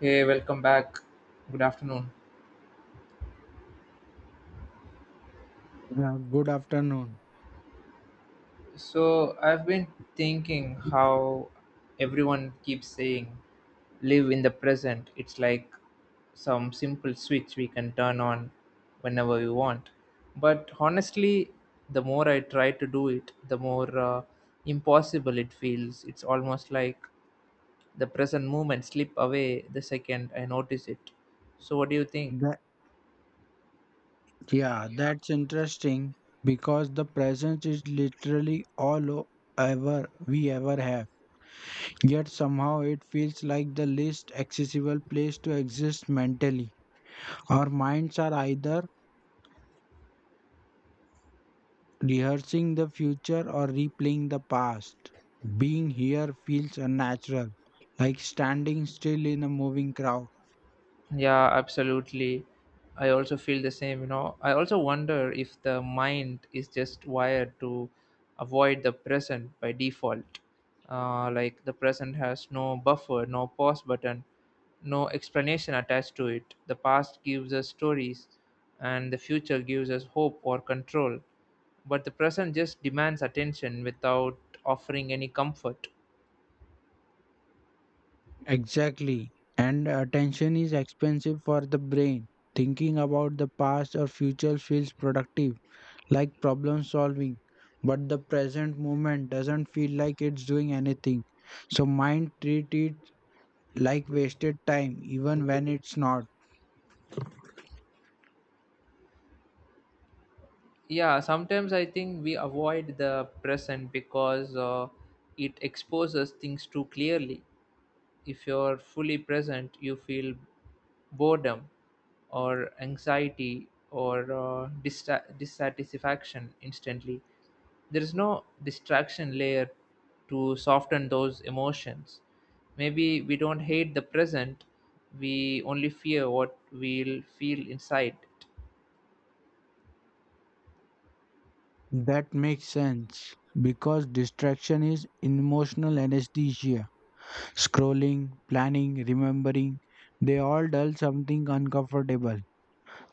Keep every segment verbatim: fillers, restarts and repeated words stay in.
Hey, welcome back. Good afternoon. Yeah, good afternoon. So, I've been thinking how everyone keeps saying live in the present. It's like some simple switch we can turn on whenever we want. But honestly, the more I try to do it, the more uh, impossible it feels. It's almost like the present moment slip away the second I notice it. So, what do you think? That, yeah, that's interesting because the present is literally all o- ever we ever have. Yet somehow it feels like the least accessible place to exist mentally. Our minds are either rehearsing the future or replaying the past. Being here feels unnatural, like standing still in a moving crowd. Yeah, absolutely. I also feel the same, you know. I also wonder if the mind is just wired to avoid the present by default. Uh, like the present has no buffer, no pause button, no explanation attached to it. The past gives us stories, and the future gives us hope or control. But the present just demands attention without offering any comfort. Exactly. And attention is expensive for the brain. Thinking about the past or future feels productive, like problem solving, but the present moment doesn't feel like it's doing anything. So mind treat it like wasted time even when it's not. Yeah, sometimes I think we avoid the present because uh, it exposes things too clearly. If you're fully present you feel boredom or anxiety or uh, dista- dissatisfaction instantly. There is no distraction layer to soften those emotions. Maybe we don't hate the present, we only fear what we'll feel inside. That makes sense because distraction is emotional anesthesia. Scrolling, planning, remembering, they all dull something uncomfortable.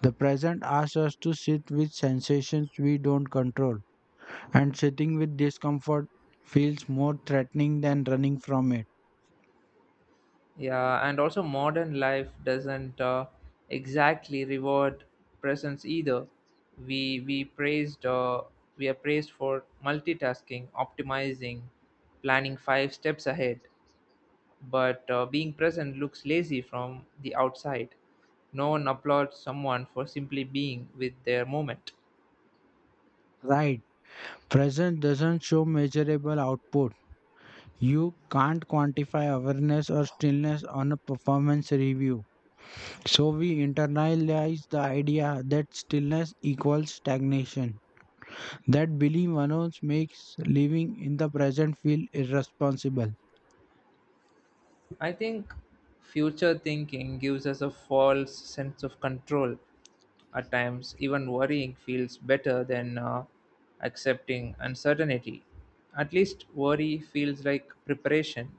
The present asks us to sit with sensations we don't control, and sitting with discomfort feels more threatening than running from it. Yeah, and also modern life doesn't uh, exactly reward presence either. We we praised uh, we are praised for multitasking, optimizing, planning five steps ahead, but uh, being present looks lazy from the outside. No one applauds someone for simply being with their moment. Right. Present doesn't show measurable output. You can't quantify awareness or stillness on a performance review. So we internalize the idea that stillness equals stagnation. That belief alone makes living in the present feel irresponsible. I think future thinking gives us a false sense of control at times. Even worrying feels better than uh, accepting uncertainty. At least worry feels like preparation.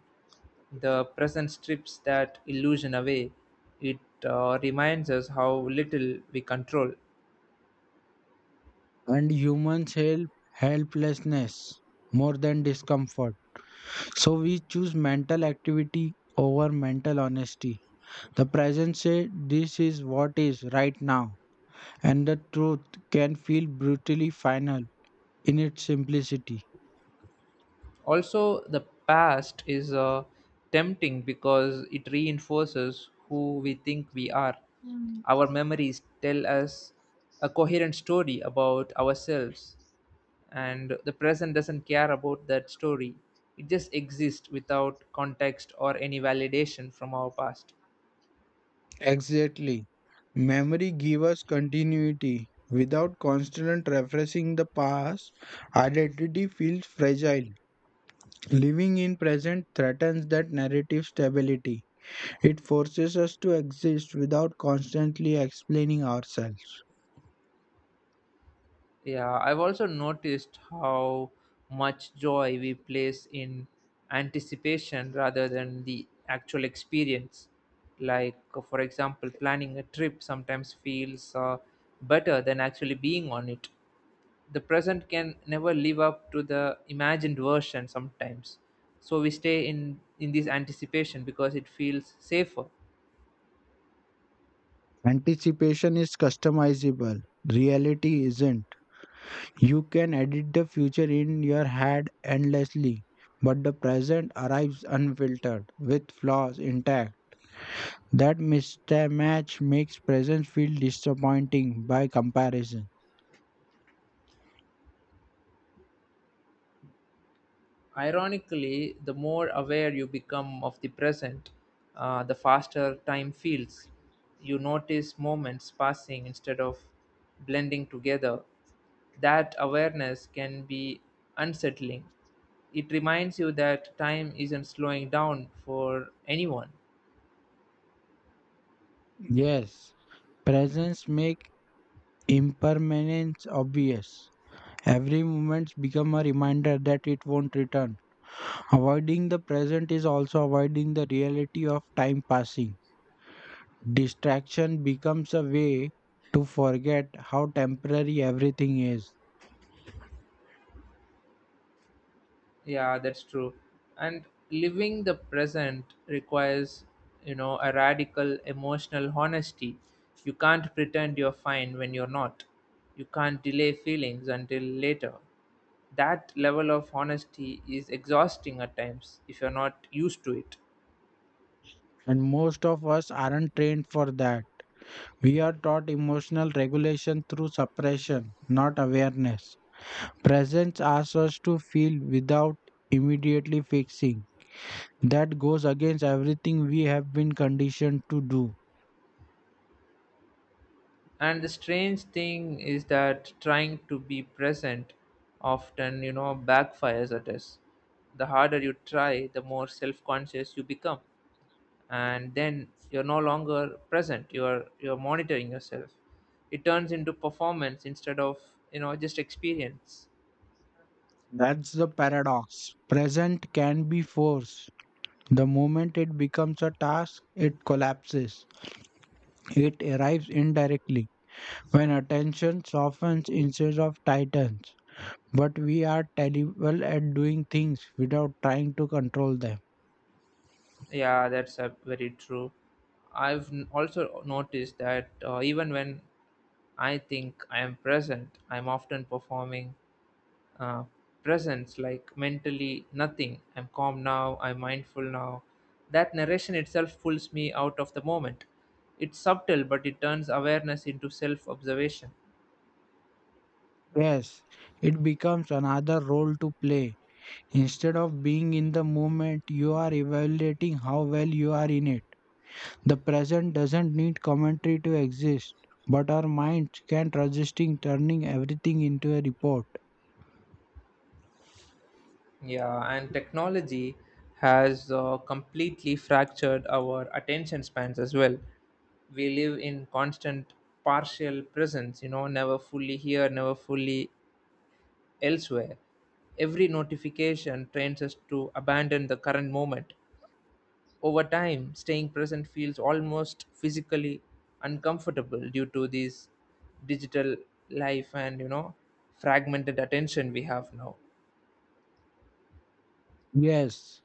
The present strips that illusion away. It uh, reminds us how little we control. And humans help helplessness more than discomfort. So we choose mental activity over mental honesty. The present say this is what is right now, and the truth can feel brutally final in its simplicity. Also, the past is uh, tempting because it reinforces who we think we are. Mm. Our memories tell us a coherent story about ourselves, and the present doesn't care about that story. It just exists without context or any validation from our past. Exactly. Memory gives us continuity. Without constant refreshing the past, identity feels fragile. Living in present threatens that narrative stability. It forces us to exist without constantly explaining ourselves. Yeah, I've also noticed how much joy we place in anticipation rather than the actual experience. Like, uh, for example, planning a trip sometimes feels uh, better than actually being on it. The present can never live up to the imagined version sometimes. So we stay in in this anticipation because it feels safer. Anticipation is customizable, reality isn't. You can edit the future in your head endlessly, but the present arrives unfiltered, with flaws intact. That mismatch makes present feel disappointing by comparison. Ironically, the more aware you become of the present, uh, the faster time feels. You notice moments passing instead of blending together. That awareness can be unsettling. It reminds you that time isn't slowing down for anyone. Yes, presence make impermanence obvious. Every moment becomes a reminder that it won't return. Avoiding the present is also avoiding the reality of time passing. Distraction becomes a way to forget how temporary everything is. Yeah, that's true. And living the present requires, you know, a radical emotional honesty. You can't pretend you're fine when you're not. You can't delay feelings until later. That level of honesty is exhausting at times if you're not used to it. And most of us aren't trained for that. We are taught emotional regulation through suppression, not awareness. Presence asks us to feel without immediately fixing. That goes against everything we have been conditioned to do. And the strange thing is that trying to be present often, you know, backfires at us. The harder you try, the more self conscious you become. And then you're no longer present, you're you're monitoring yourself. It turns into performance instead of, you know, just experience. That's the paradox. Present can be forced. The moment it becomes a task, it collapses. It arrives indirectly when attention softens instead of tightens. But we are terrible at doing things without trying to control them. Yeah, that's uh, very true. I've n- also noticed that uh, even when I think I am present, I'm often performing uh, presence. Like mentally nothing. I'm calm now, I'm mindful now. That narration itself pulls me out of the moment. It's subtle but it turns awareness into self observation. Yes, it becomes another role to play. Instead of being in the moment, you are evaluating how well you are in it. The present doesn't need commentary to exist, but our minds can't resist turning everything into a report. Yeah, and technology has uh, completely fractured our attention spans as well. We live in constant partial presence, you know, never fully here, never fully elsewhere. Every notification trains us to abandon the current moment. Over time, staying present feels almost physically uncomfortable due to this digital life and, you know, fragmented attention we have now. Yes,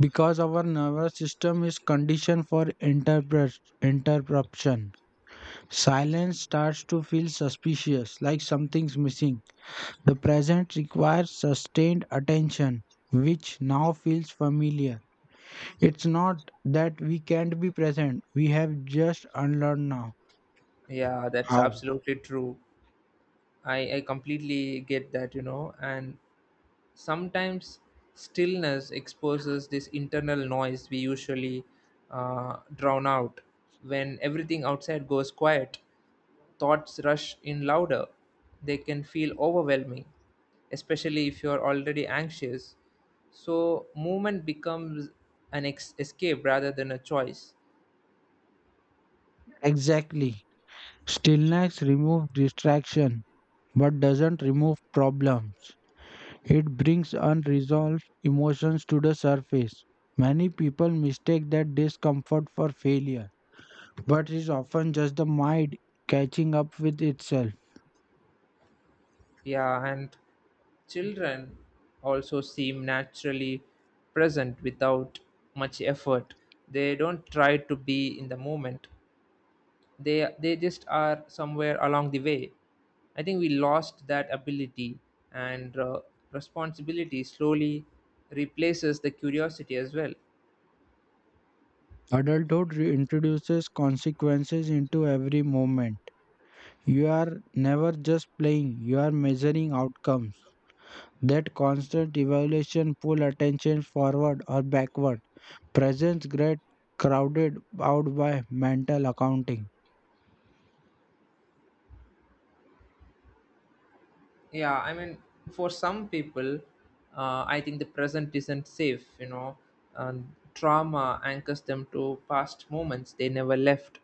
because our nervous system is conditioned for interpret interruption. Silence starts to feel suspicious, like something's missing. The present requires sustained attention, which now feels familiar. It's not that we can't be present, we have just unlearned now. Yeah, that's How? absolutely true. I, I completely get that, you know, and sometimes stillness exposes this internal noise we usually uh, drown out. When everything outside goes quiet, thoughts rush in louder. They can feel overwhelming, especially if you're already anxious. So, movement becomes an ex- escape rather than a choice. Exactly. Stillness removes distraction but doesn't remove problems. It brings unresolved emotions to the surface. Many people mistake that discomfort for failure, but is often just the mind catching up with itself. Yeah, and children also seem naturally present without much effort. They don't try to be in the moment. They they just are somewhere along the way. I think we lost that ability, and uh, responsibility slowly replaces the curiosity as well. Adulthood reintroduces consequences into every moment. You are never just playing, you are measuring outcomes. That constant evaluation pulls attention forward or backward. Presence gets crowded out by mental accounting. Yeah, I mean, for some people, uh, I think the present isn't safe, you know. And trauma anchors them to past moments they never left.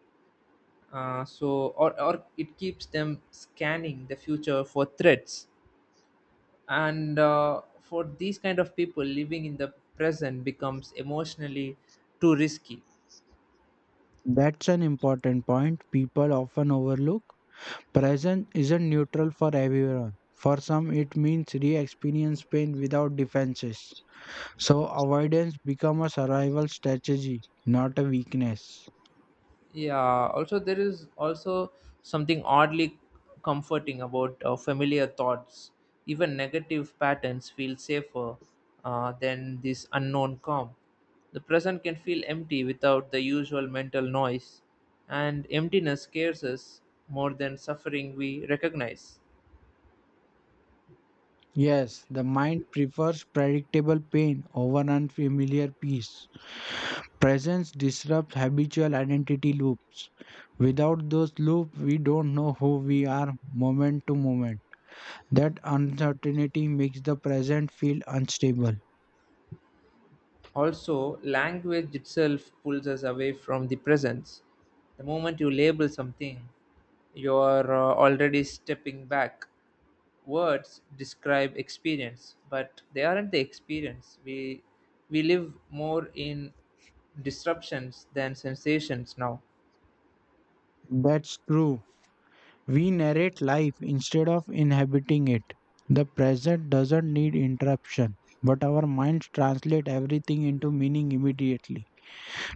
Uh, so or, or it keeps them scanning the future for threats. And uh, for these kind of people, living in the present becomes emotionally too risky. That's an important point people often overlook. Present isn't neutral for everyone. For some, it means re experience pain without defenses. So, avoidance becomes a survival strategy, not a weakness. Yeah, also there is also something oddly comforting about uh, familiar thoughts. Even negative patterns feel safer uh, than this unknown calm. The present can feel empty without the usual mental noise, and emptiness scares us more than suffering we recognize. Yes, the mind prefers predictable pain over unfamiliar peace. Presence disrupts habitual identity loops. Without those loops, we don't know who we are moment to moment. That uncertainty makes the present feel unstable. Also, language itself pulls us away from the presence. The moment you label something, you are uh, already stepping back. Words describe experience, but they aren't the experience. We we live more in disruptions than sensations now. That's true. We narrate life instead of inhabiting it. The present doesn't need interruption, but our minds translate everything into meaning immediately.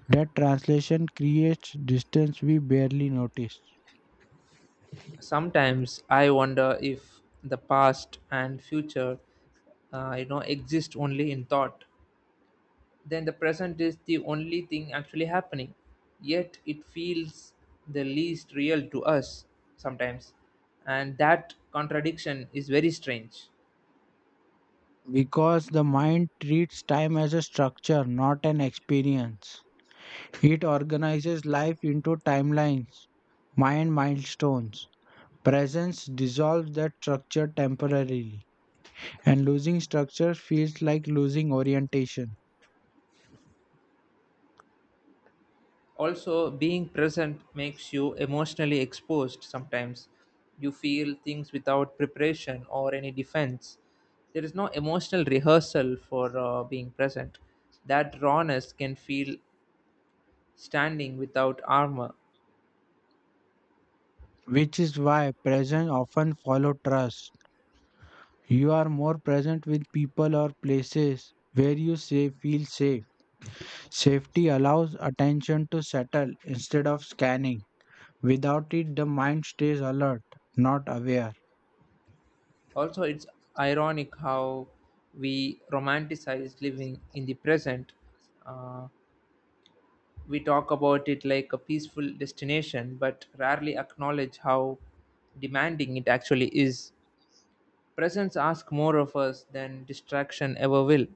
That translation creates distance we barely notice. Sometimes I wonder if the past and future, uh, you know, exist only in thought. Then the present is the only thing actually happening. Yet it feels the least real to us sometimes. And that contradiction is very strange. Because the mind treats time as a structure, not an experience. It organizes life into timelines, mind milestones. Presence dissolves that structure temporarily, and losing structure feels like losing orientation, Also, being present makes you emotionally exposed sometimes. You feel things without preparation or any defense. There is no emotional rehearsal for uh, being present. That rawness can feel standing without armor. which is why presence often follows trust. You are more present with people or places where you say feel safe. Safety allows attention to settle instead of scanning. Without it, the mind stays alert, not aware. Also, it's ironic how we romanticize living in the present. Uh, we talk about it like a peaceful destination, but rarely acknowledge how demanding it actually is. Presence asks more of us than distraction ever will.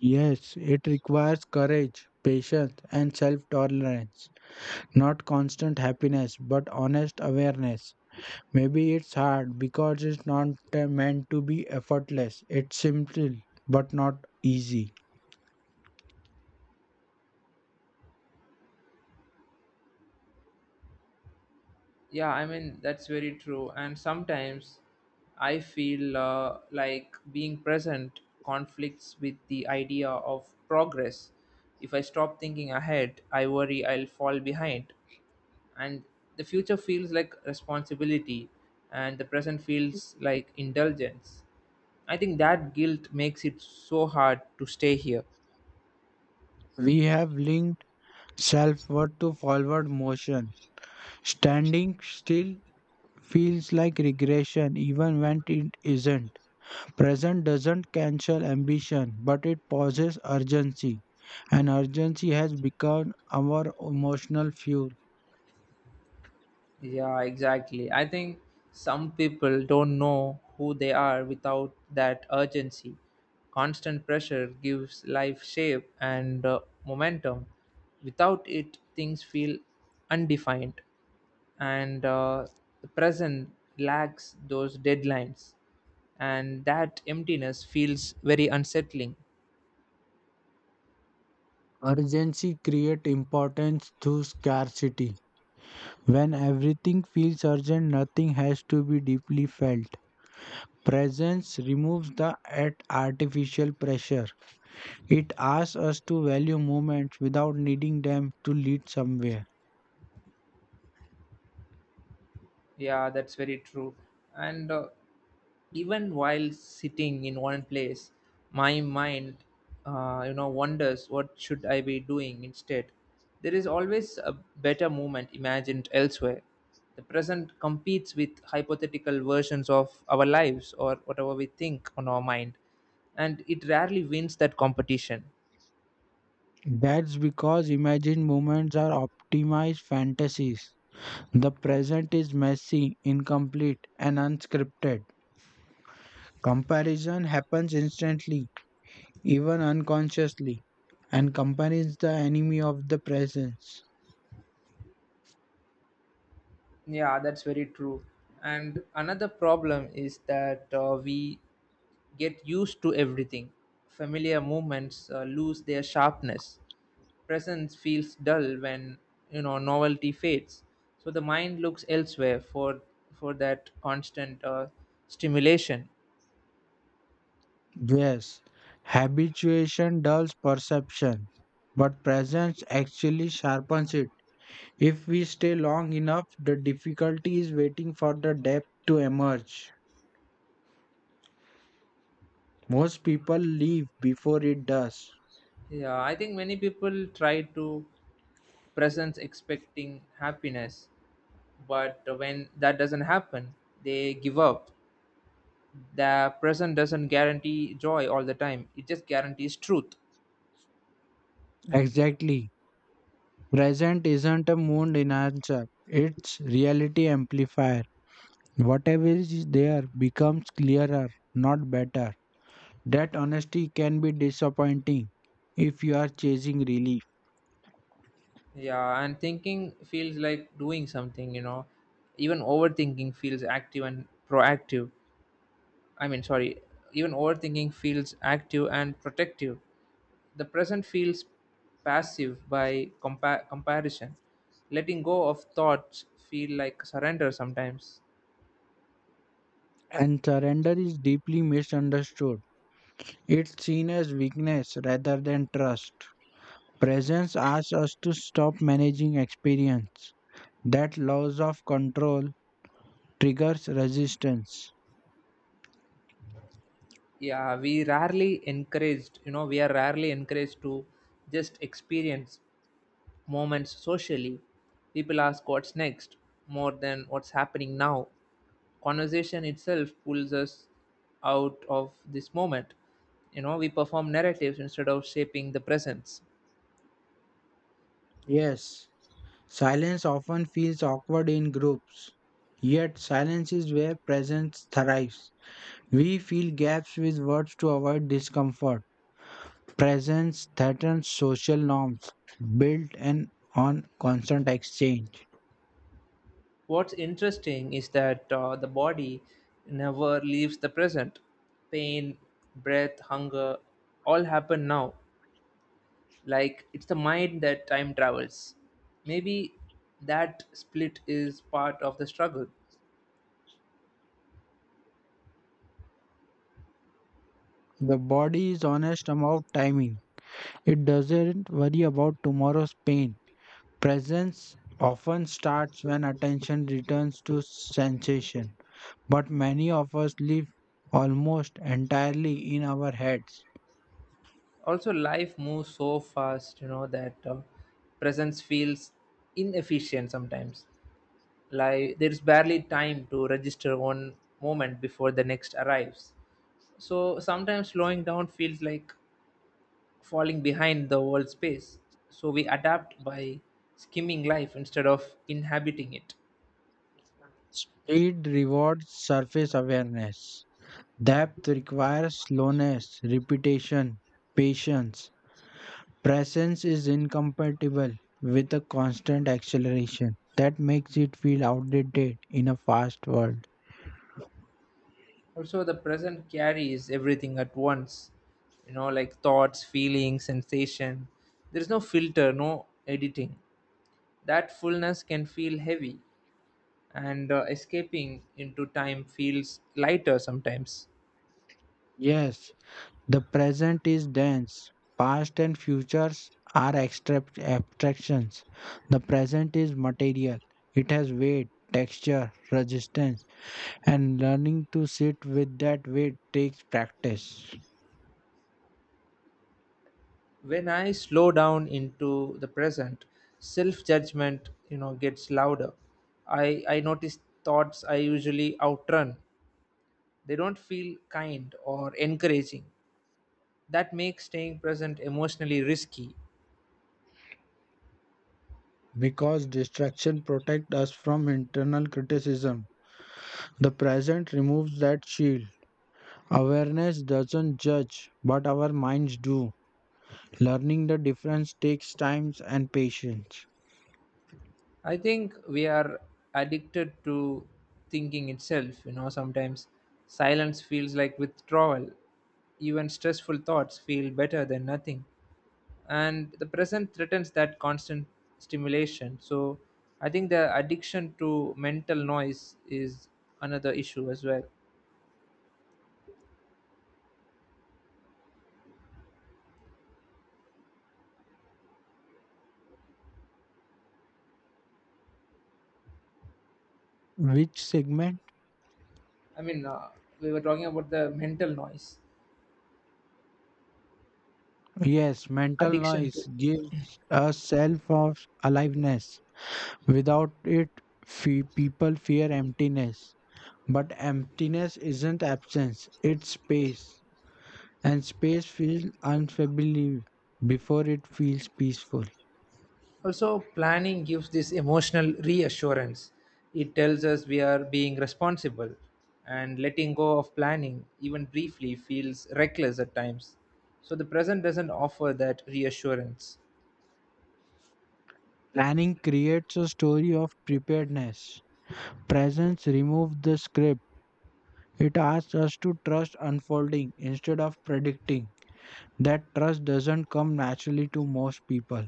Yes, it requires courage, patience, and self tolerance. Not constant happiness, but honest awareness. Maybe it's hard because it's not uh, meant to be effortless. It's simple but not easy. Yeah, I mean, that's very true. And sometimes I feel uh, like being present conflicts with the idea of progress. If I stop thinking ahead, I worry I'll fall behind. And the future feels like responsibility and the present feels like indulgence. I think that guilt makes it so hard to stay here. We have linked self worth to forward motion. Standing still feels like regression even when it isn't. Present doesn't cancel ambition, but it pauses urgency. And urgency has become our emotional fuel. Yeah, exactly. I think some people don't know who they are without that urgency. Constant pressure gives life shape and uh, momentum. Without it things feel undefined. And uh, the present lacks those deadlines, and that emptiness feels very unsettling. Urgency creates importance through scarcity. When everything feels urgent, nothing has to be deeply felt. Presence removes the at- artificial pressure. It asks us to value moments without needing them to lead somewhere. Yeah, that's very true. And uh, even while sitting in one place, my mind, uh, you know, wonders what should I be doing instead. There is always a better moment imagined elsewhere. The present competes with hypothetical versions of our lives or whatever we think on our mind, and it rarely wins that competition. That's because imagined moments are optimized fantasies. The present is messy, incomplete, and unscripted. Comparison happens instantly, even unconsciously, and companies the enemy of the presence. Yeah, that's very true. And another problem is that uh, we get used to everything. Familiar movements uh, lose their sharpness. Presence feels dull when, you know, novelty fades. So the mind looks elsewhere for for that constant uh, stimulation. Yes, habituation dulls perception, but presence actually sharpens it. If we stay long enough, the difficulty is waiting for the depth to emerge. Most people leave before it does. Yeah, I think many people try to presence expecting happiness, but when that doesn't happen, they give up. The present doesn't guarantee joy all the time, it just guarantees truth. Exactly. Present isn't a mood enhancer, it's reality amplifier. Whatever is there becomes clearer, not better. That honesty can be disappointing if you are chasing relief. Yeah, and thinking feels like doing something, you know. Even overthinking feels active and proactive. I mean, sorry, even overthinking feels active and protective. The present feels passive by compa- comparison. Letting go of thoughts feel like surrender sometimes. And surrender is deeply misunderstood. It's seen as weakness rather than trust. Presence asks us to stop managing experience. That loss of control triggers resistance. Yeah, we rarely encouraged you know we are rarely encouraged to just experience moments socially. People ask what's next more than what's happening now. Conversation itself pulls us out of this moment. You know, we perform narratives instead of shaping the presence. Yes, silence often feels awkward in groups. Yet, silence is where presence thrives. We fill gaps with words to avoid discomfort. Presence threatens social norms built in on constant exchange. What's interesting is that uh, the body never leaves the present. Pain, breath, hunger all happen now. Like it's the mind that time travels. Maybe that split is part of the struggle. The body is honest about timing. It doesn't worry about tomorrow's pain. Presence often starts when attention returns to sensation, but many of us live almost entirely in our heads. Also life moves so fast, you know, that uh, presence feels inefficient sometimes. Like there's barely time to register one moment before the next arrives. So sometimes slowing down feels like falling behind the world's pace. So we adapt by skimming life instead of inhabiting it. It rewards surface awareness. Depth requires slowness, repetition, patience. Presence is incompatible with a constant acceleration that makes it feel outdated in a fast world. Also the present carries everything at once, you know, like thoughts, feelings, sensation. There is no filter, no editing. That fullness can feel heavy, and uh, escaping into time feels lighter sometimes. Yes, the present is dense. Past and futures are abstract abstractions. The present is material. It has weight, texture, resistance, and learning to sit with that weight takes practice. When I slow down into the present, self-judgment, you know, gets louder. I I notice thoughts I usually outrun. They don't feel kind or encouraging. That makes staying present emotionally risky. Because distraction protects us from internal criticism, the present removes that shield. Awareness doesn't judge, but our minds do. Learning the difference takes time and patience. I think we are addicted to thinking itself. You know, sometimes silence feels like withdrawal. Even stressful thoughts feel better than nothing. And the present threatens that constant stimulation. So I think the addiction to mental noise is another issue as well. Which segment? I mean, uh, we were talking about the mental noise Yes, mental addiction noise to. gives a self of aliveness. Without it, fe- people fear emptiness. But emptiness isn't absence, it's space. And space feels unfamiliar before it feels peaceful. Also, planning gives this emotional reassurance. It tells us we are being responsible, and letting go of planning, even briefly, feels reckless at times. So, the present doesn't offer that reassurance. Planning creates a story of preparedness. Presence removes the script. It asks us to trust unfolding instead of predicting. That trust doesn't come naturally to most people.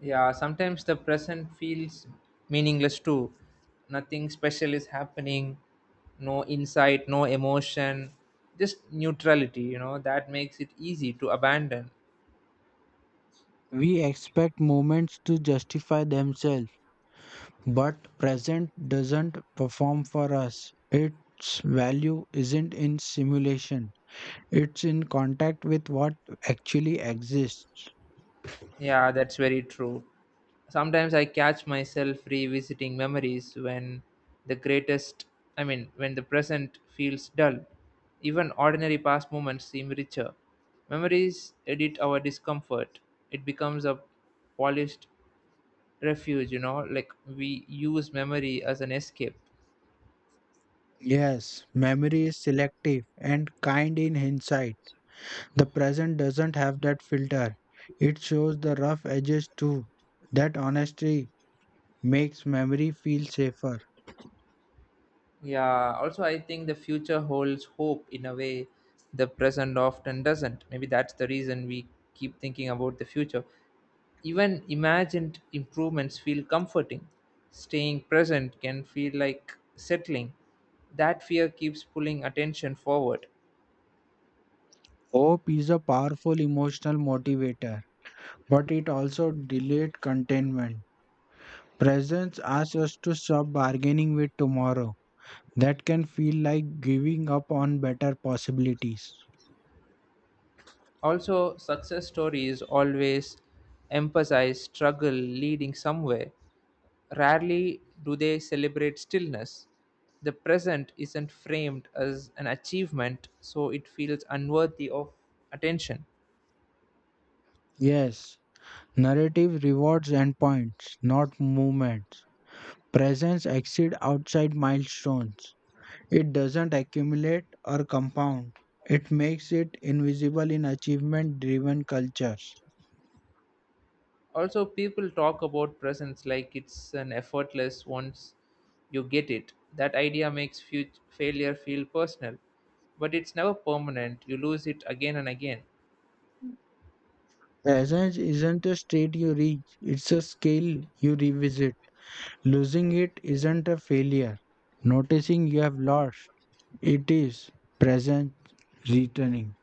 Yeah, sometimes the present feels meaningless too. Nothing special is happening, no insight, no emotion, just neutrality, you know, that makes it easy to abandon. We expect movements to justify themselves, but present doesn't perform for us. Its value isn't in simulation, it's in contact with what actually exists. Yeah, that's very true. Sometimes I catch myself revisiting memories when the greatest, I mean, when the present feels dull. Even ordinary past moments seem richer. Memories edit our discomfort. It becomes a polished refuge, you know, like we use memory as an escape. Yes, memory is selective and kind in hindsight. The present doesn't have that filter, it shows the rough edges too. That honesty makes memory feel safer. Yeah, also, I think the future holds hope in a way the present often doesn't. Maybe that's the reason we keep thinking about the future. Even imagined improvements feel comforting. Staying present can feel like settling. That fear keeps pulling attention forward. Hope is a powerful emotional motivator, but it also delayed contentment. Presence asks us to stop bargaining with tomorrow. That can feel like giving up on better possibilities. Also, success stories always emphasize struggle leading somewhere. Rarely do they celebrate stillness. The present isn't framed as an achievement, so it feels unworthy of attention. Yes, narrative rewards endpoints, not movements. Presence exceeds outside milestones. It doesn't accumulate or compound. It makes it invisible in achievement driven cultures. Also, people talk about presence like it's an effortless once you get it. That idea makes fut- failure feel personal, but it's never permanent. You lose it again and again. Presence isn't a state you reach, it's a scale you revisit. Losing it isn't a failure. Noticing you have lost, it is present returning.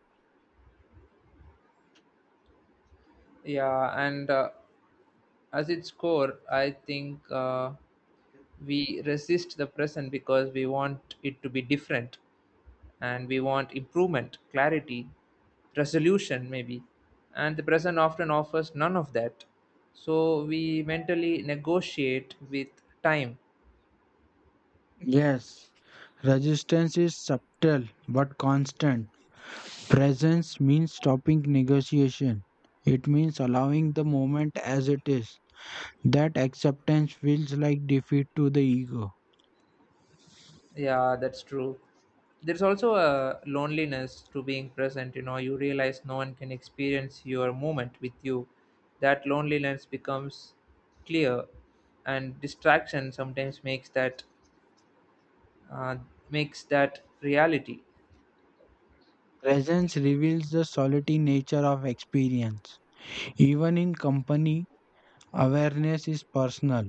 Yeah, and uh, as its core, I think uh, we resist the present because we want it to be different and we want improvement, clarity, resolution, maybe. And the present often offers none of that. So we mentally negotiate with time. Yes, resistance is subtle but constant. Presence means stopping negotiation. It means allowing the moment as it is. That acceptance feels like defeat to the ego. Yeah, that's true. There's also a loneliness to being present. You know, you realize no one can experience your moment with you. That loneliness becomes clear, and distraction sometimes makes that uh, makes that reality. Presence reveals the solitary nature of experience. Even in company, awareness is personal.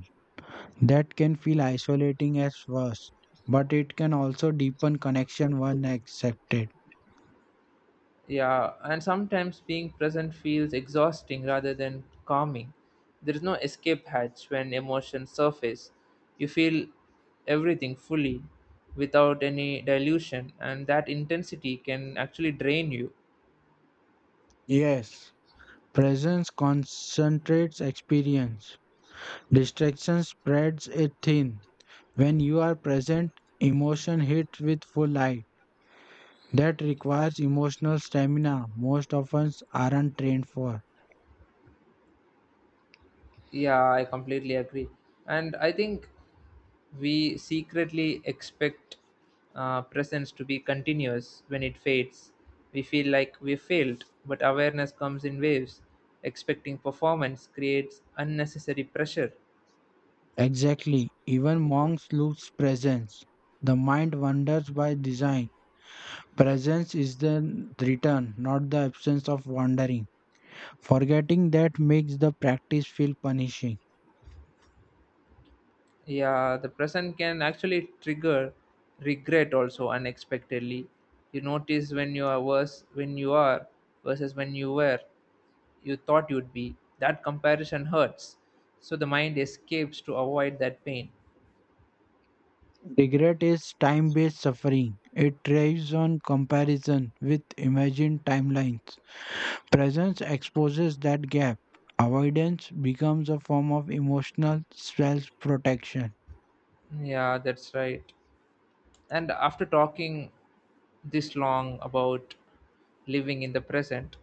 That can feel isolating at first, but it can also deepen connection when accepted. Yeah, and sometimes being present feels exhausting rather than calming. There is no escape hatch when emotions surface. You feel everything fully without any dilution, and that intensity can actually drain you. Yes, presence concentrates experience. Distraction spreads it thin. When you are present, emotion hits with full light. That requires emotional stamina most of us aren't trained for. Yeah, I completely agree. And I think we secretly expect uh, presence to be continuous when it fades. We feel like we failed, but awareness comes in waves. Expecting performance creates unnecessary pressure. Exactly, even monks lose presence. The mind wanders by design. Presence is the return, not the absence of wandering. Forgetting that makes the practice feel punishing. Yeah, the present can actually trigger regret also unexpectedly. You notice when you are worse when you are versus when you were you thought you'd be. That comparison hurts. So the mind escapes to avoid that pain. Regret is time based suffering. It thrives on comparison with imagined timelines. Presence exposes that gap. Avoidance becomes a form of emotional self protection. Yeah, that's right. And after talking this long about living in the present,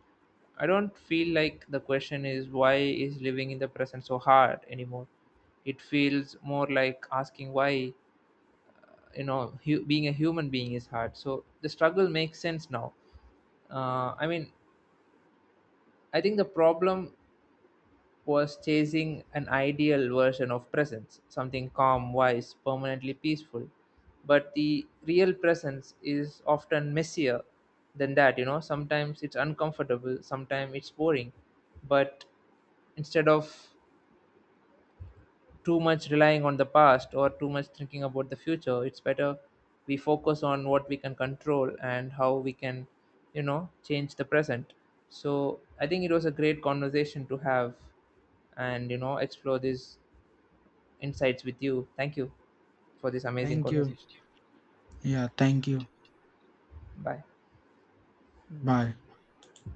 I don't feel like the question is why is living in the present so hard anymore. It feels more like asking why, you know, hu- being a human being is hard. So the struggle makes sense now. Uh, I mean, I think the problem was chasing an ideal version of presence, something calm, wise, permanently peaceful. But the real presence is often messier than that, you know. Sometimes it's uncomfortable, sometimes it's boring. But instead of too much relying on the past or too much thinking about the future, it's better we focus on what we can control and how we can, you know, change the present. So I think it was a great conversation to have and, you know, explore these insights with you. Thank you for this amazing Thank you. conversation. Yeah, thank you. Bye. Bye.